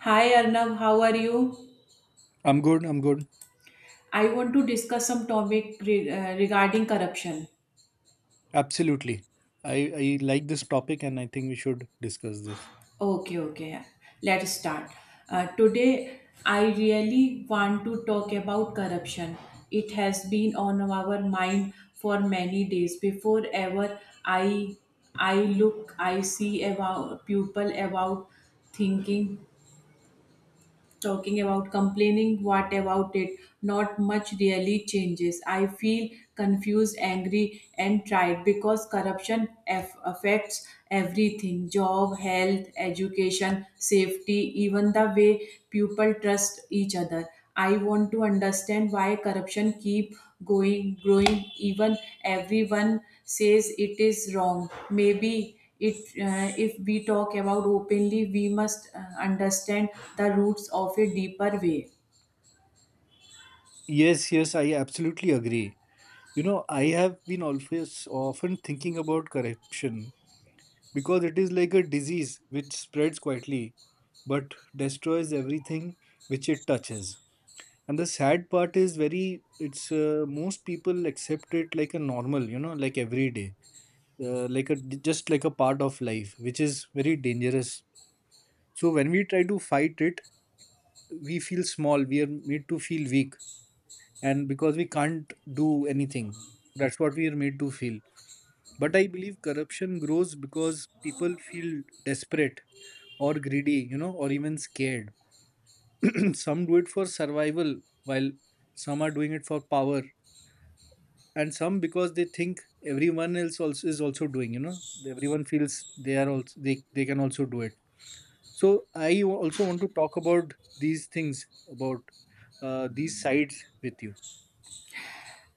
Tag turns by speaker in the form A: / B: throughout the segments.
A: Hi Arnav, how are you?
B: I'm good. I'm good.
A: I want to discuss some topic regarding corruption.
B: Absolutely. I like this topic and I think we should discuss this.
A: Okay, okay. Let's start. Today, I really want to talk about corruption. It has been on our mind for many days. Before ever, I I look, I see about people about thinking talking about complaining what about it, not much really changes. I feel confused, angry and tired because corruption affects everything: job, health, education, safety, even the way people trust each other. I want to understand why corruption keep going growing even everyone says it is wrong. Maybe it, if we talk about openly, we must understand the roots of a deeper way.
B: Yes, yes, I absolutely agree. You know, I have been always often thinking about corruption because it is like a disease which spreads quietly but destroys everything which it touches. And the sad part is very, it's most people accept it like a normal, like every day, like a part of life, which is very dangerous. So when we try to fight it, we feel small, we are made to feel weak, and because we can't do anything, that's what we are made to feel. But I believe corruption grows because people feel desperate or greedy, or even scared. Some do it for survival, while some are doing it for power, and some because they think everyone else also is also doing. Everyone feels they are also, they can also do it. So I also want to talk about these things, about these sides with you.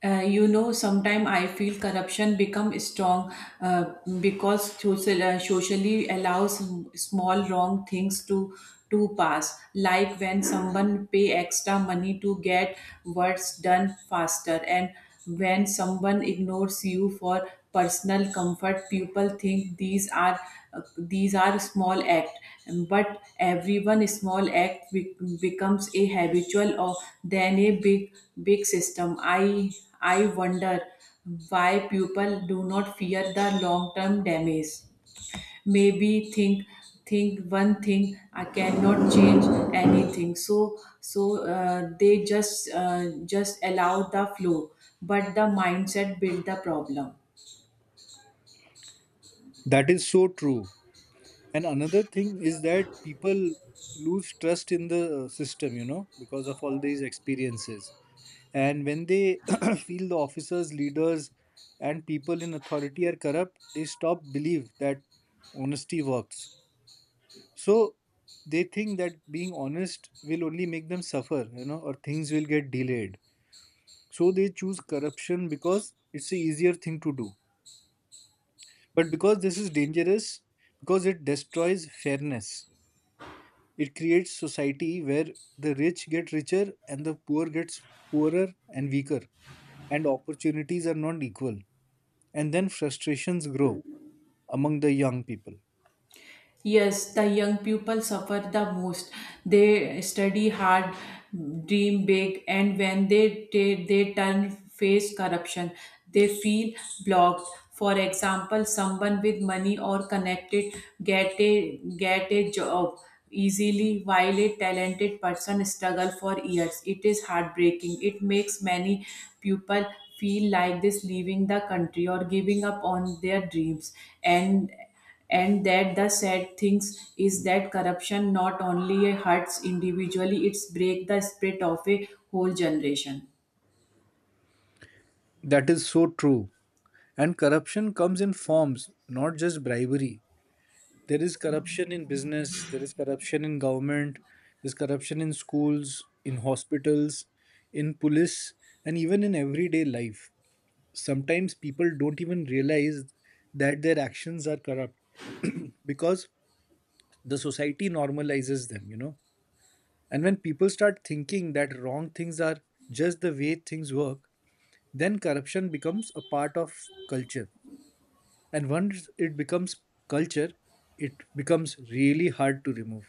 A: You know, sometimes I feel corruption become strong, uh, because socially allows small wrong things to pass, like when someone pay extra money to get works done faster, and when someone ignores you for personal comfort. People think these are, these are small act, but every one small act becomes a habitual or then a big system. I wonder why people do not fear the long term damage, maybe think one thing I cannot change anything, so they just allow the flow. But the mindset build the problem.
B: That is so true. And another thing is that people lose trust in the system, because of all these experiences. And when they feel the officers, leaders, and people in authority are corrupt, they stop believe that honesty works. So they think that being honest will only make them suffer, or things will get delayed. So they choose corruption because it's the easier thing to do. But because this is dangerous, because it destroys fairness, it creates society where the rich get richer and the poor gets poorer and weaker, and opportunities are not equal, and then frustrations grow among the young people.
A: Yes, the young people suffer the most. They study hard, dream big, and when they turn face corruption, they feel blocked. For example, someone with money or connected get a job easily, while a talented person struggle for years. It is heartbreaking. It makes many people feel like this, leaving the country or giving up on their dreams, and and that the sad things is that corruption not only hurts individually, it's break the spirit of a whole generation.
B: That is so true. And corruption comes in forms, not just bribery. There is corruption in business, there is corruption in government, there's corruption in schools, in hospitals, in police, and even in everyday life. Sometimes people don't even realize that their actions are corrupt because the society normalizes them, you know. And when people start thinking that wrong things are just the way things work, then corruption becomes a part of culture. And once it becomes culture, it becomes really hard to remove.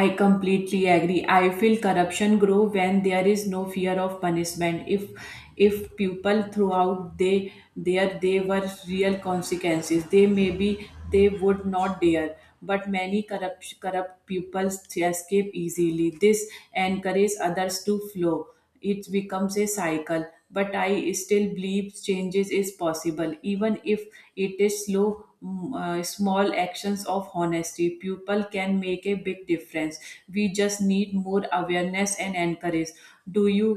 A: I completely agree. I feel corruption grow when there is no fear of punishment. If people throughout, they there they were real consequences, they maybe they would not dare. But many corrupt people escape easily. This encourages others to flow. It becomes a cycle. But I still believe changes is possible, even if it is slow. Small actions of honesty, people can make a big difference. We just need more awareness and encourage. Do you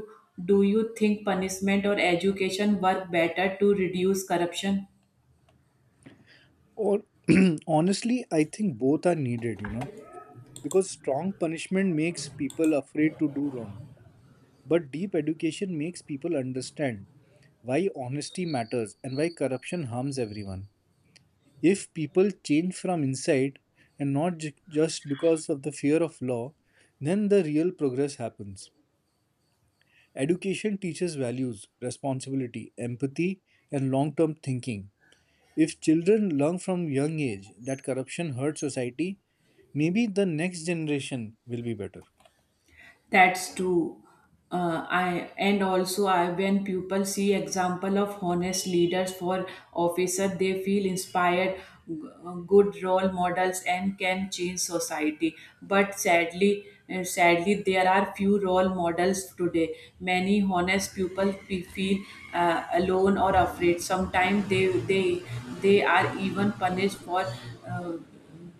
A: do you think punishment or education work better to reduce corruption?
B: Or honestly, I think both are needed, you know, because strong punishment makes people afraid to do wrong, but deep education makes people understand why honesty matters and why corruption harms everyone. If people change from inside and not just because of the fear of law, then the real progress happens. Education teaches values, responsibility, empathy, and long term thinking. If children learn from young age that corruption hurts society, maybe the next generation will be better.
A: That's true. I and also I when people see example of honest leaders for officer, they feel inspired, g- good role models, and can change society. But sadly, sadly, there are few role models today. Many honest people feel, alone or afraid. Sometimes they they are even punished for. Uh,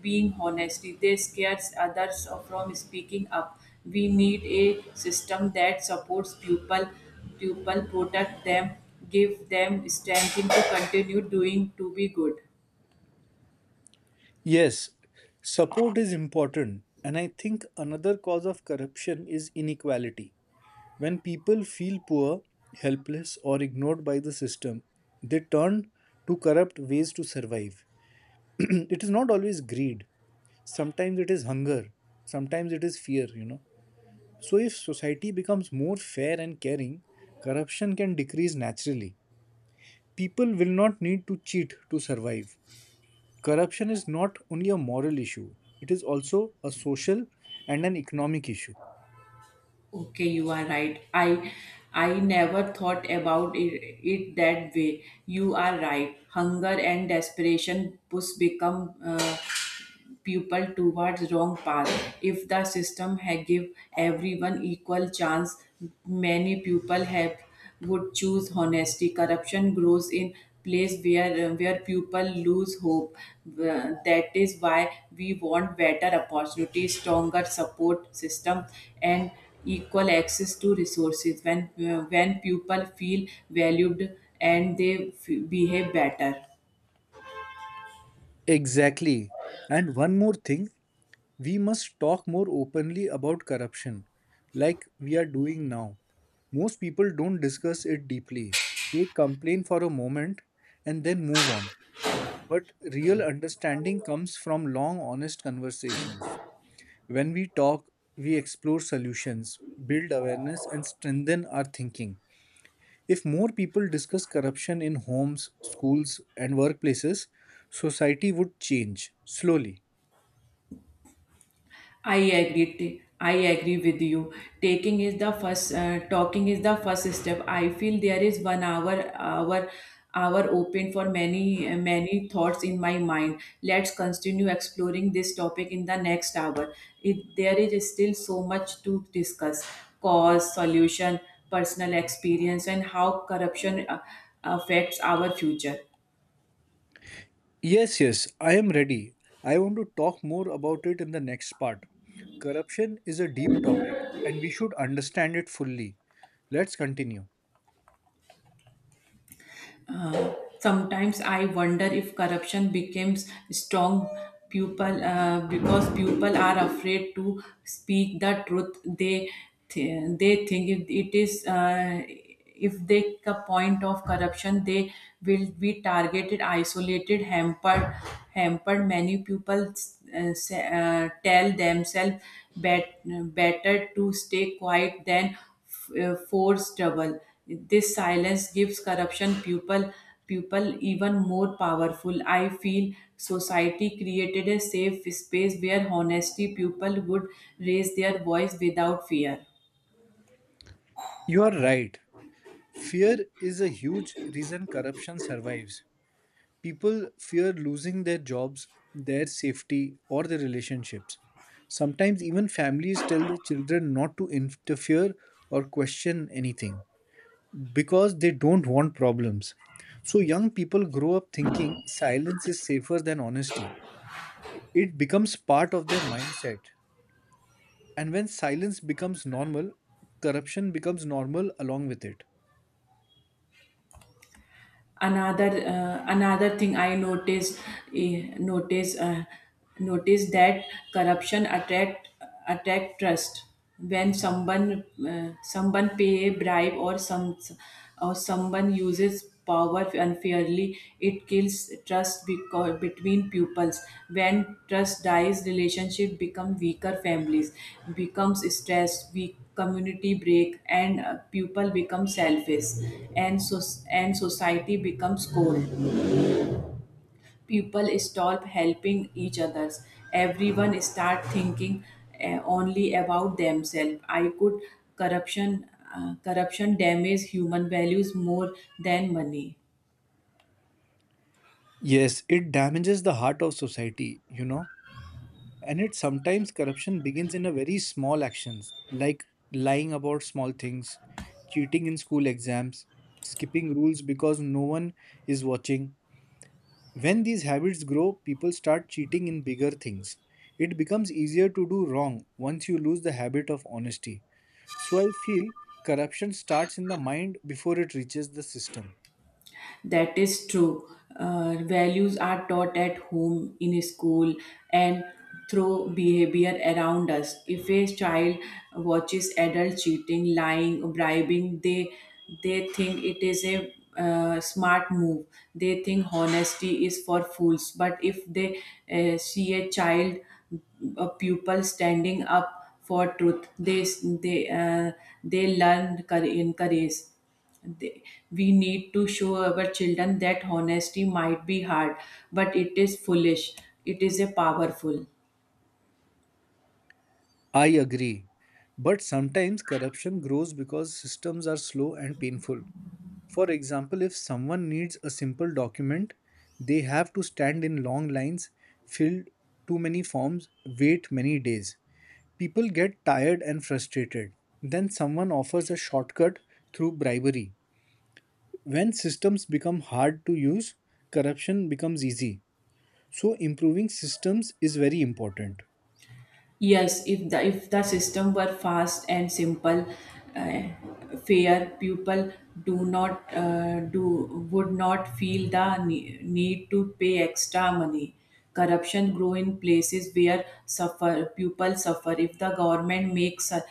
A: Being honesty. They scares others from speaking up. We need a system that supports people, people protect them, give them strength to continue doing to be good.
B: Yes, support is important, and I think another cause of corruption is inequality. When people feel poor, helpless, or ignored by the system, they turn to corrupt ways to survive. It is not always greed, sometimes it is hunger, sometimes it is fear, you know. So, if society becomes more fair and caring, corruption can decrease naturally. People will not need to cheat to survive. Corruption is not only a moral issue, it is also a social and an economic issue.
A: Okay, you are right. I never thought about it, it that way. You are right. Hunger and desperation push become, people towards wrong path. If the system had give everyone equal chance, many people have would choose honesty. Corruption grows in place where people lose hope. That is why we want better opportunities, stronger support system, and equal access to resources. When, when people feel valued and they behave better.
B: Exactly. And one more thing, we must talk more openly about corruption, like we are doing now. Most people don't discuss it deeply. They complain for a moment and then move on. But real understanding comes from long, honest conversations. When we talk, we explore solutions, build awareness, and strengthen our thinking. If more people discuss corruption in homes, schools, and workplaces, society would change slowly.
A: I agree. I agree with you. Taking is the first. Talking is the first step. I feel there is 1 hour, open for many, many thoughts in my mind. Let's continue exploring this topic in the next hour. It, there is still so much to discuss: cause, solution, personal experience, and how corruption affects our future.
B: Yes, yes, I am ready. I want to talk more about it in the next part. Corruption is a deep topic and we should understand it fully. Let's continue.
A: Sometimes I wonder if corruption becomes strong people, because people are afraid to speak the truth. They they think if it is, if they take a point of corruption, they will be targeted, isolated, hampered. Hampered. Many people tell themselves bet- better to stay quiet than forced double. This silence gives corruption people people even more powerful. I feel society created a safe space where honesty people would raise their voice without fear.
B: You are right. Fear is a huge reason corruption survives. People fear losing their jobs, their safety, or their relationships. Sometimes even families tell their children not to interfere or question anything, because they don't want problems. So young people grow up thinking silence is safer than honesty. It becomes part of their mindset. And when silence becomes normal, corruption becomes normal along with it.
A: Another, another thing I noticed, eh, notice uh, notice that corruption attract trust, when someone, someone pay a bribe or some or someone uses power unfairly. Clearly, it kills trust between pupils. When trust dies, relationship become weaker. Families becomes stressed. Weak community break, and, pupil become selfish, and so and society becomes cold. People stop helping each others. Everyone start thinking, only about themselves. I could corruption, corruption damage human values more than money.
B: Yes, it damages the heart of society, you know. And it sometimes corruption begins in a very small actions, like lying about small things, cheating in school exams, skipping rules because no one is watching. When these habits grow, people start cheating in bigger things. It becomes easier to do wrong once you lose the habit of honesty. So I feel corruption starts in the mind before it reaches the system.
A: That is true. Values are taught at home, in school, and through behavior around us. If a child watches adults cheating, lying, bribing, they think it is a, smart move. They think honesty is for fools. But if they, see a child, a pupil standing up for truth, they uh, they learn in courage. They, we need to show our children that honesty might be hard, but it is foolish. It is a powerful.
B: I agree. But sometimes corruption grows because systems are slow and painful. For example, if someone needs a simple document, they have to stand in long lines, fill too many forms, wait many days. People get tired and frustrated. Then someone offers a shortcut through bribery. When systems become hard to use, corruption becomes easy. So, improving systems is very important.
A: Yes, if the system were fast and simple, uh, fair people do not, do would not feel the need to pay extra money. Corruption grow in places where suffer people suffer. If the government makes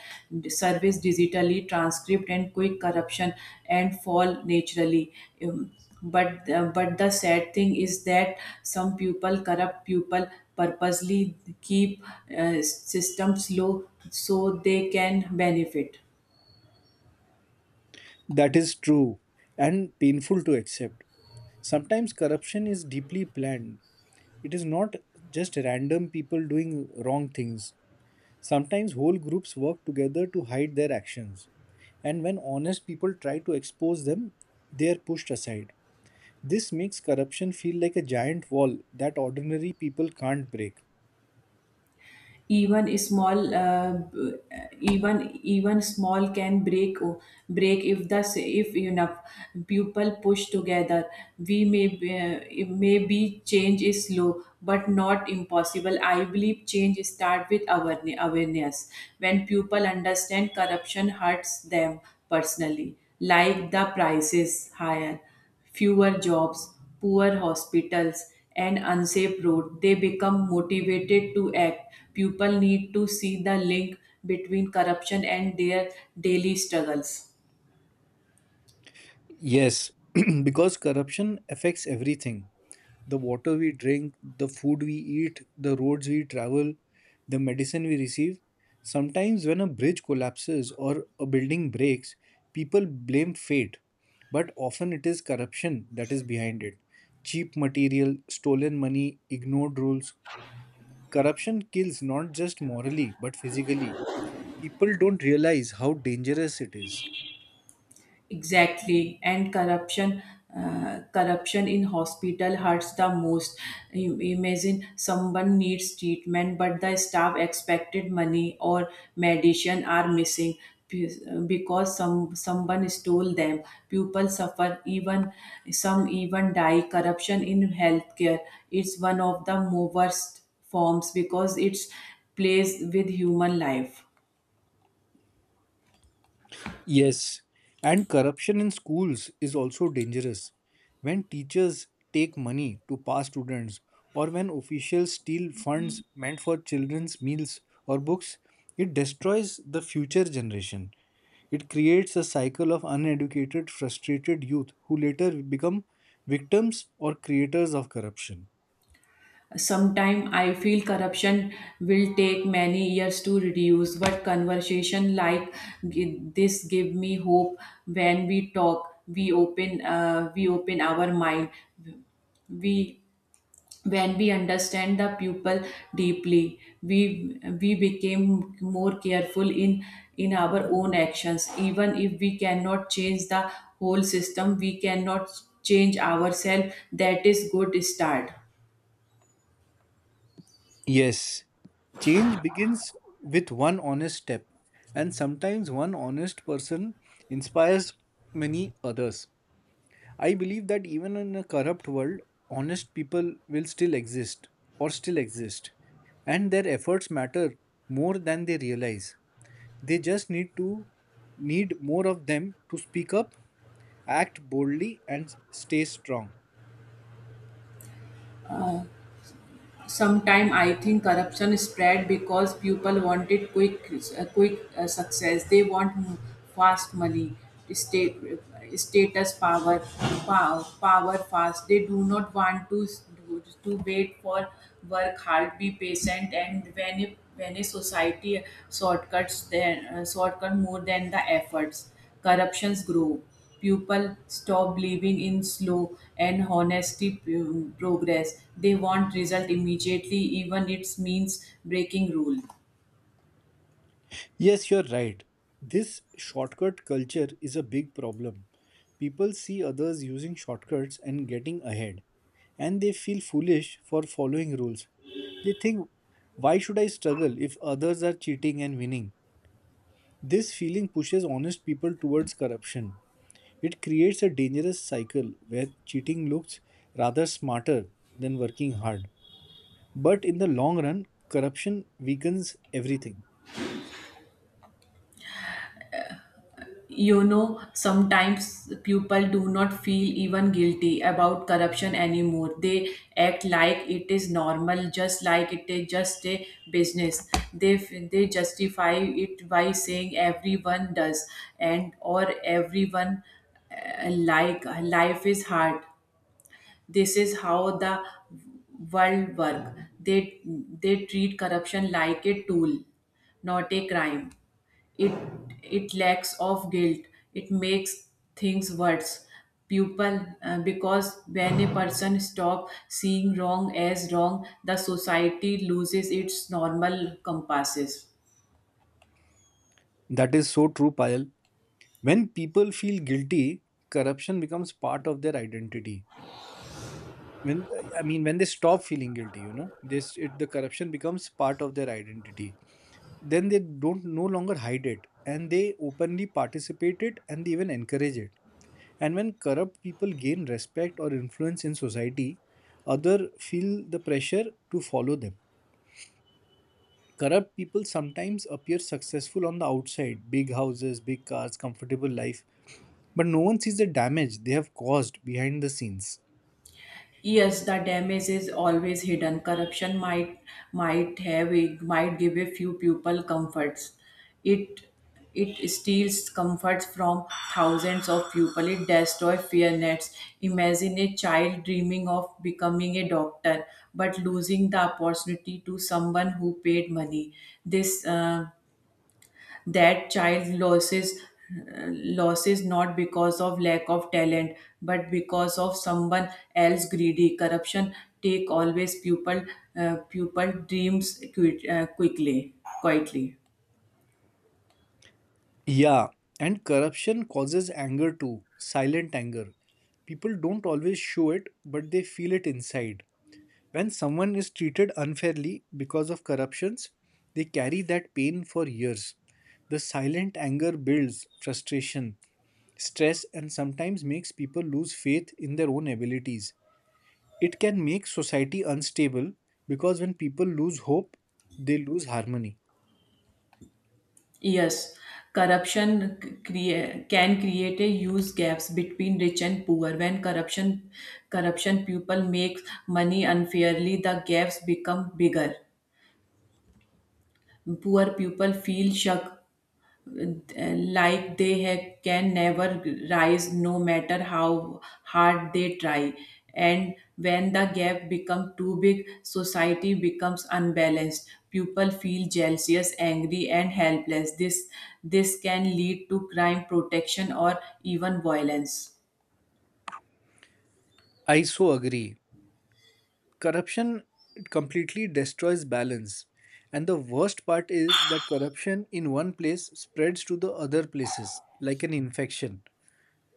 A: service digitally transcript and quick corruption and fall naturally. Um, but the sad thing is that some people corrupt people purposely keep, systems low so they can benefit.
B: That is true and painful to accept. Sometimes corruption is deeply planned, it is not just random people doing wrong things. Sometimes whole groups work together to hide their actions. And when honest people try to expose them, they are pushed aside. This makes corruption feel like a giant wall that ordinary people can't break.
A: Even small, even even small can break if the if enough people push together. We may maybe change is slow but not impossible. I believe change start with awareness. When people understand corruption hurts them personally, like the price is higher, fewer jobs, poor hospitals, and unsafe roads, they become motivated to act. People need to see the link between corruption and their daily struggles.
B: Yes, because corruption affects everything, the water we drink, the food we eat, the roads we travel, the medicine we receive. Sometimes, when a bridge collapses or a building breaks, people blame fate, but often it is corruption that is behind it. Cheap material, stolen money, ignored rules. Corruption kills not just morally but physically. People don't realize how dangerous it is.
A: Exactly, and corruption, corruption in hospital hurts the most. You imagine someone needs treatment but the staff expected money or medicine are missing be- because someone stole them. People suffer, even some even die. Corruption in healthcare is one of the worst forms because it's plays with human life.
B: Yes, and corruption in schools is also dangerous. When teachers take money to pass students, or when officials steal funds meant for children's meals or books, it destroys the future generation. It creates a cycle of uneducated, frustrated youth who later become victims or creators of corruption.
A: Sometime I feel corruption will take many years to reduce, but conversation like this give me hope. When we talk, we open our mind. We, when we understand the people deeply, we became more careful in our own actions. Even if we cannot change the whole system, we cannot change ourselves. That is good start.
B: Yes, change begins with one honest step, and sometimes one honest person inspires many others. I believe that even in a corrupt world, honest people will still exist or still exist, and their efforts matter more than they realize. They just need to need more of them to speak up, act boldly, and stay strong.
A: Sometimes I think corruption spread because people wanted quick, success. They want fast money, state, status, power fast. They do not want to to wait for work hard, be patient, and when when a society shortcuts then, shortcut more than the efforts. Corruptions grow. People stop believing in slow and honesty progress. They want result immediately, even it means breaking rule.
B: Yes, you're right. This shortcut culture is a big problem. People see others using shortcuts and getting ahead, and they feel foolish for following rules. They think, why should I struggle if others are cheating and winning? This feeling pushes honest people towards corruption. It creates a dangerous cycle where cheating looks rather smarter than working hard. But in the long run, corruption weakens everything.
A: You know, sometimes people do not feel even guilty about corruption anymore. They act like it is normal, just like it is just a business. They justify it by saying everyone does and or everyone, like life is hard, this is how the world work. They they treat corruption like a tool, not a crime. It it lacks of guilt. It makes things worse. People, because when a person stop seeing wrong as wrong, the society loses its normal compasses.
B: That is so true, Payal. When people feel guilty, corruption becomes part of their identity. When, I mean, when they stop feeling guilty, this it the corruption becomes part of their identity, then they don't no longer hide it, and they openly participate it, and they even encourage it. And when corrupt people gain respect or influence in society, other feel the pressure to follow them. Corrupt people sometimes appear successful on the outside, big houses, big cars, comfortable life, but no one sees the damage they have caused behind the scenes.
A: Yes, the damage is always hidden. Corruption might have a, might give a few people comforts. It it steals comforts from thousands of people. It destroys fear nets. Imagine a child dreaming of becoming a doctor, but losing the opportunity to someone who paid money. This. That child loses, uh, losses not because of lack of talent but because of someone else greedy. Corruption take always pupil, pupil dreams quickly quietly.
B: Yeah, and corruption causes anger too, silent anger. People don't always show it, but they feel it inside. When someone is treated unfairly because of corruptions, they carry that pain for years. The silent anger builds frustration, stress, and sometimes makes people lose faith in their own abilities. It can make society unstable because when people lose hope, they lose harmony.
A: Yes, corruption can create a huge gaps between rich and poor. When corruption people make money unfairly, the gaps become bigger. Poor people feel shock, like can never rise no matter how hard they try. And when the gap becomes too big, society becomes unbalanced. People feel jealous, angry and helpless. This can lead to crime protection or even violence.
B: I so agree. Corruption completely destroys balance. And the worst part is that corruption in one place spreads to the other places like an infection.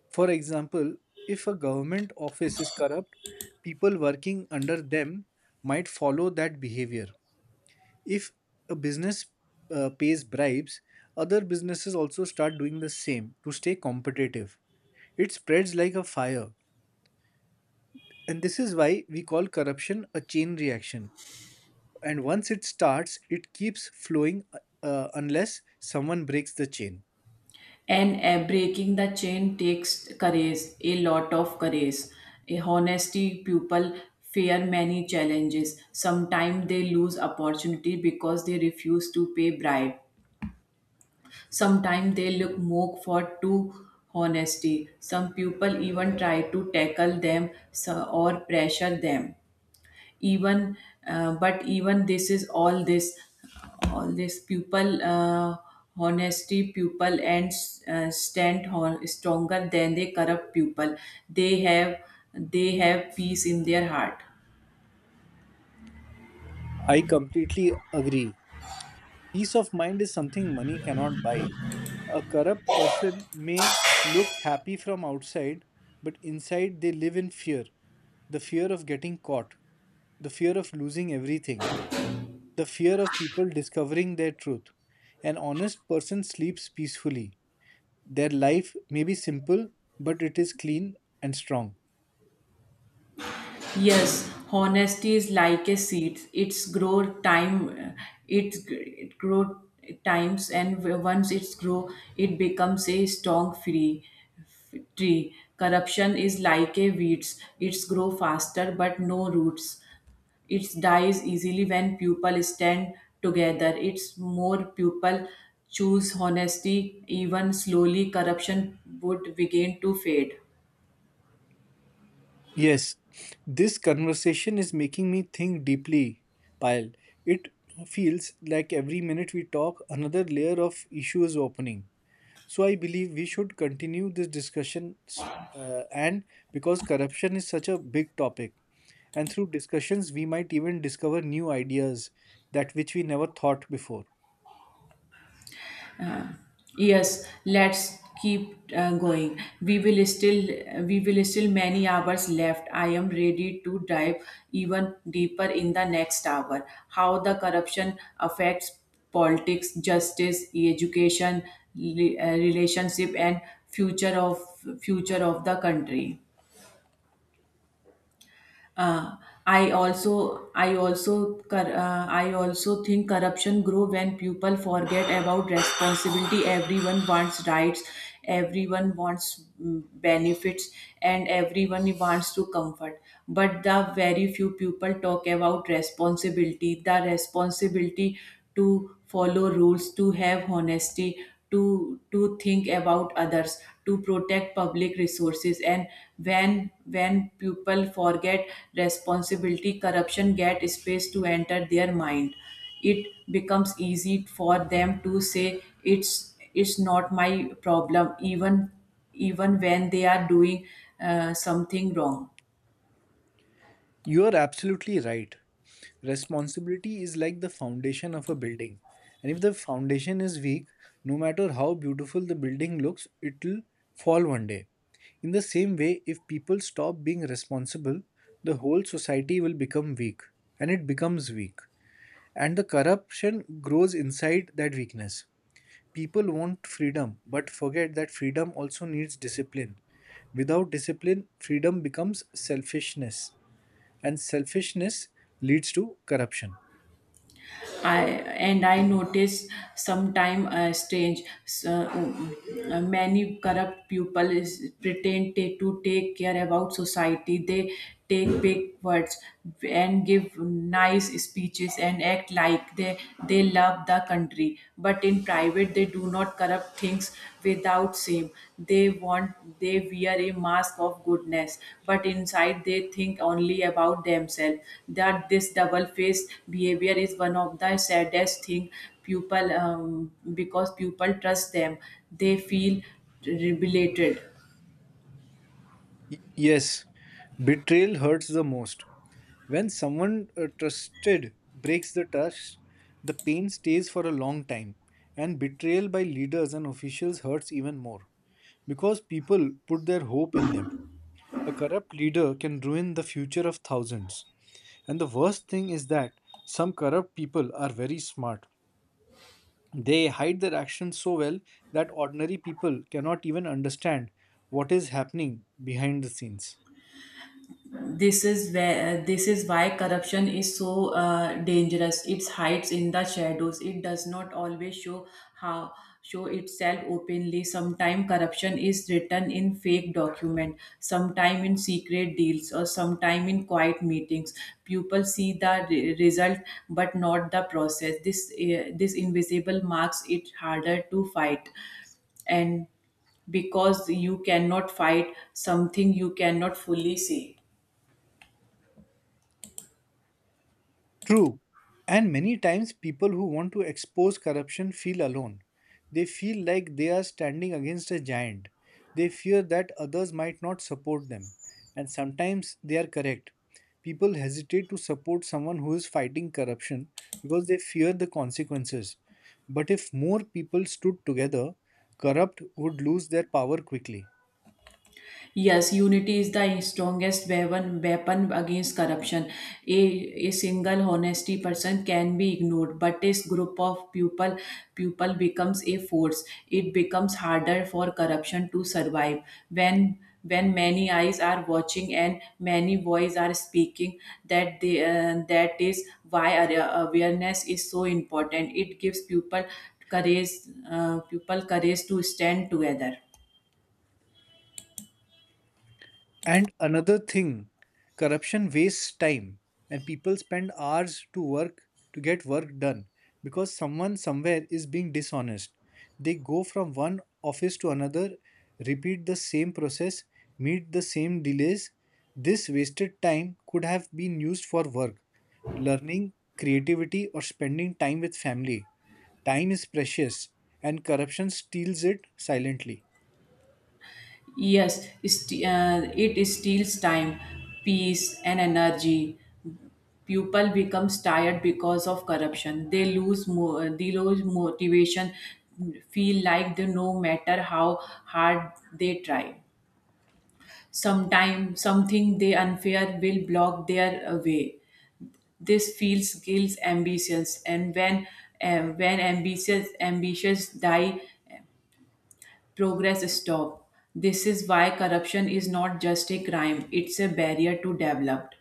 B: For example, if a government office is corrupt, people working under them might follow that behavior. If a business pays bribes, other businesses also start doing the same to stay competitive. It spreads like a fire. And this is why we call corruption a chain reaction. And once it starts, it keeps flowing, unless someone breaks the chain.
A: And, breaking the chain takes courage, a lot of courage. A honesty people fear many challenges. Sometimes they lose opportunity because they refuse to pay bribe. Sometimes they look more for too honesty. Some people even try to tackle them, or pressure them even, but even this is all this pupil, honesty pupil and, stand stronger than the corrupt pupil. they have they have peace in their heart.
B: I completely agree. Peace of mind is something money cannot buy. A corrupt person may look happy from outside, but inside they live in fear, the fear of getting caught, the fear of losing everything, the fear of people discovering their truth. An honest person sleeps peacefully. Their life may be simple, but it is clean and strong.
A: Yes, honesty is like a seed. It's grow time. It's it grow times, and once it's grow, it becomes a strong free tree. Corruption is like a weeds. It's grow faster, but no roots. It dies easily when people stand together. It's more people choose honesty. Even slowly, corruption would begin to fade.
B: Yes, this conversation is making me think deeply, Pyle. It feels like every minute we talk, another layer of issue is opening. So I believe we should continue this discussion, and because corruption is such a big topic, and through discussions we might even discover new ideas that which we never thought before.
A: Yes, let's keep, going. We will still many hours left. I am ready to dive even deeper in the next hour. How the corruption affects politics, justice, education, relationship and future of future of the country. uh, I also think corruption grow when people forget about responsibility. Everyone wants rights, everyone wants, benefits, and everyone wants to comfort. But the very few people talk about responsibility, the responsibility to follow rules, to have honesty, to think about others, to protect public resources. And when people forget responsibility, corruption get space to enter their mind. It becomes easy for them to say it's not my problem, even when they are doing, something wrong.
B: You are absolutely right. Responsibility is like the foundation of a building. And if the foundation is weak, no matter how beautiful the building looks, it'll fall one day. In the same way, if people stop being responsible, the whole society will become weak, and it becomes weak. And the corruption grows inside that weakness. People want freedom, but forget that freedom also needs discipline. Without discipline, freedom becomes selfishness, and selfishness leads to corruption.
A: I and I noticed sometime, many corrupt people is, pretend to take care about society. They take big words and give nice speeches and act like they love the country, but in private they do not corrupt things without shame. They wear a mask of goodness, but inside they think only about themselves. That this double-faced behavior is one of the saddest thing people, because people trust them. They feel rebelated.
B: Yes, betrayal hurts the most. When someone trusted breaks the trust, the pain stays for a long time, and betrayal by leaders and officials hurts even more because people put their hope in them. A corrupt leader can ruin the future of thousands. And the worst thing is that some corrupt people are very smart. They hide their actions so well that ordinary people cannot even understand what is happening behind the scenes.
A: This is why corruption is so, dangerous. It hides in the shadows. It does not always show, how show itself openly. Sometimes corruption is written in fake document, sometime in secret deals or sometime in quiet meetings. People see the result but not the process. This invisible marks it harder to fight, and because you cannot fight something you cannot fully see.
B: True. And many times people who want to expose corruption feel alone. They feel like they are standing against a giant. They fear that others might not support them. And sometimes they are correct. People hesitate to support someone who is fighting corruption because they fear the consequences. But if more people stood together, corrupt would lose their power quickly.
A: Yes, unity is the strongest weapon against corruption. A, a single honesty person can be ignored, but this group of people people becomes a force. It becomes harder for corruption to survive when many eyes are watching and many voices are speaking. That they, that is why awareness is so important. It gives people courage, people courage to stand together.
B: And another thing, corruption wastes time, and people spend hours to work to get work done because someone somewhere is being dishonest. They go from one office to another, repeat the same process, meet the same delays. This wasted time could have been used for work, learning, creativity, or spending time with family. Time is precious, and corruption steals it silently.
A: Yes, it steals time, peace, and energy. People becomes tired because of corruption. They lose motivation. Feel like they no matter how hard they try. Sometimes something they unfair will block their, way. This feels kills ambitions, and when, when ambitious ambitions die, progress stop. This is why corruption is not just a crime, it's a barrier to development.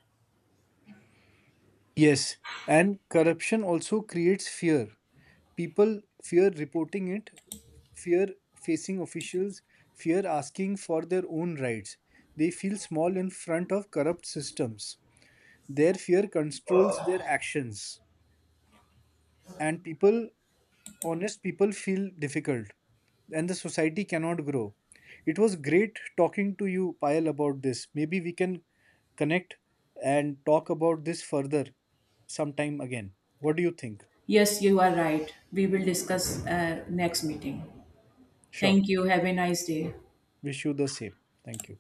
B: Yes, and corruption also creates fear. People fear reporting it, fear facing officials, fear asking for their own rights. They feel small in front of corrupt systems. Their fear controls their actions. And people, honest people, feel difficult. And the society cannot grow. It was great talking to you, Payal, about this. Maybe we can connect and talk about this further sometime again. What do you think?
A: Yes, you are right. We will discuss, next meeting.
B: Sure.
A: Thank you. Have a nice day.
B: Wish you the same. Thank you.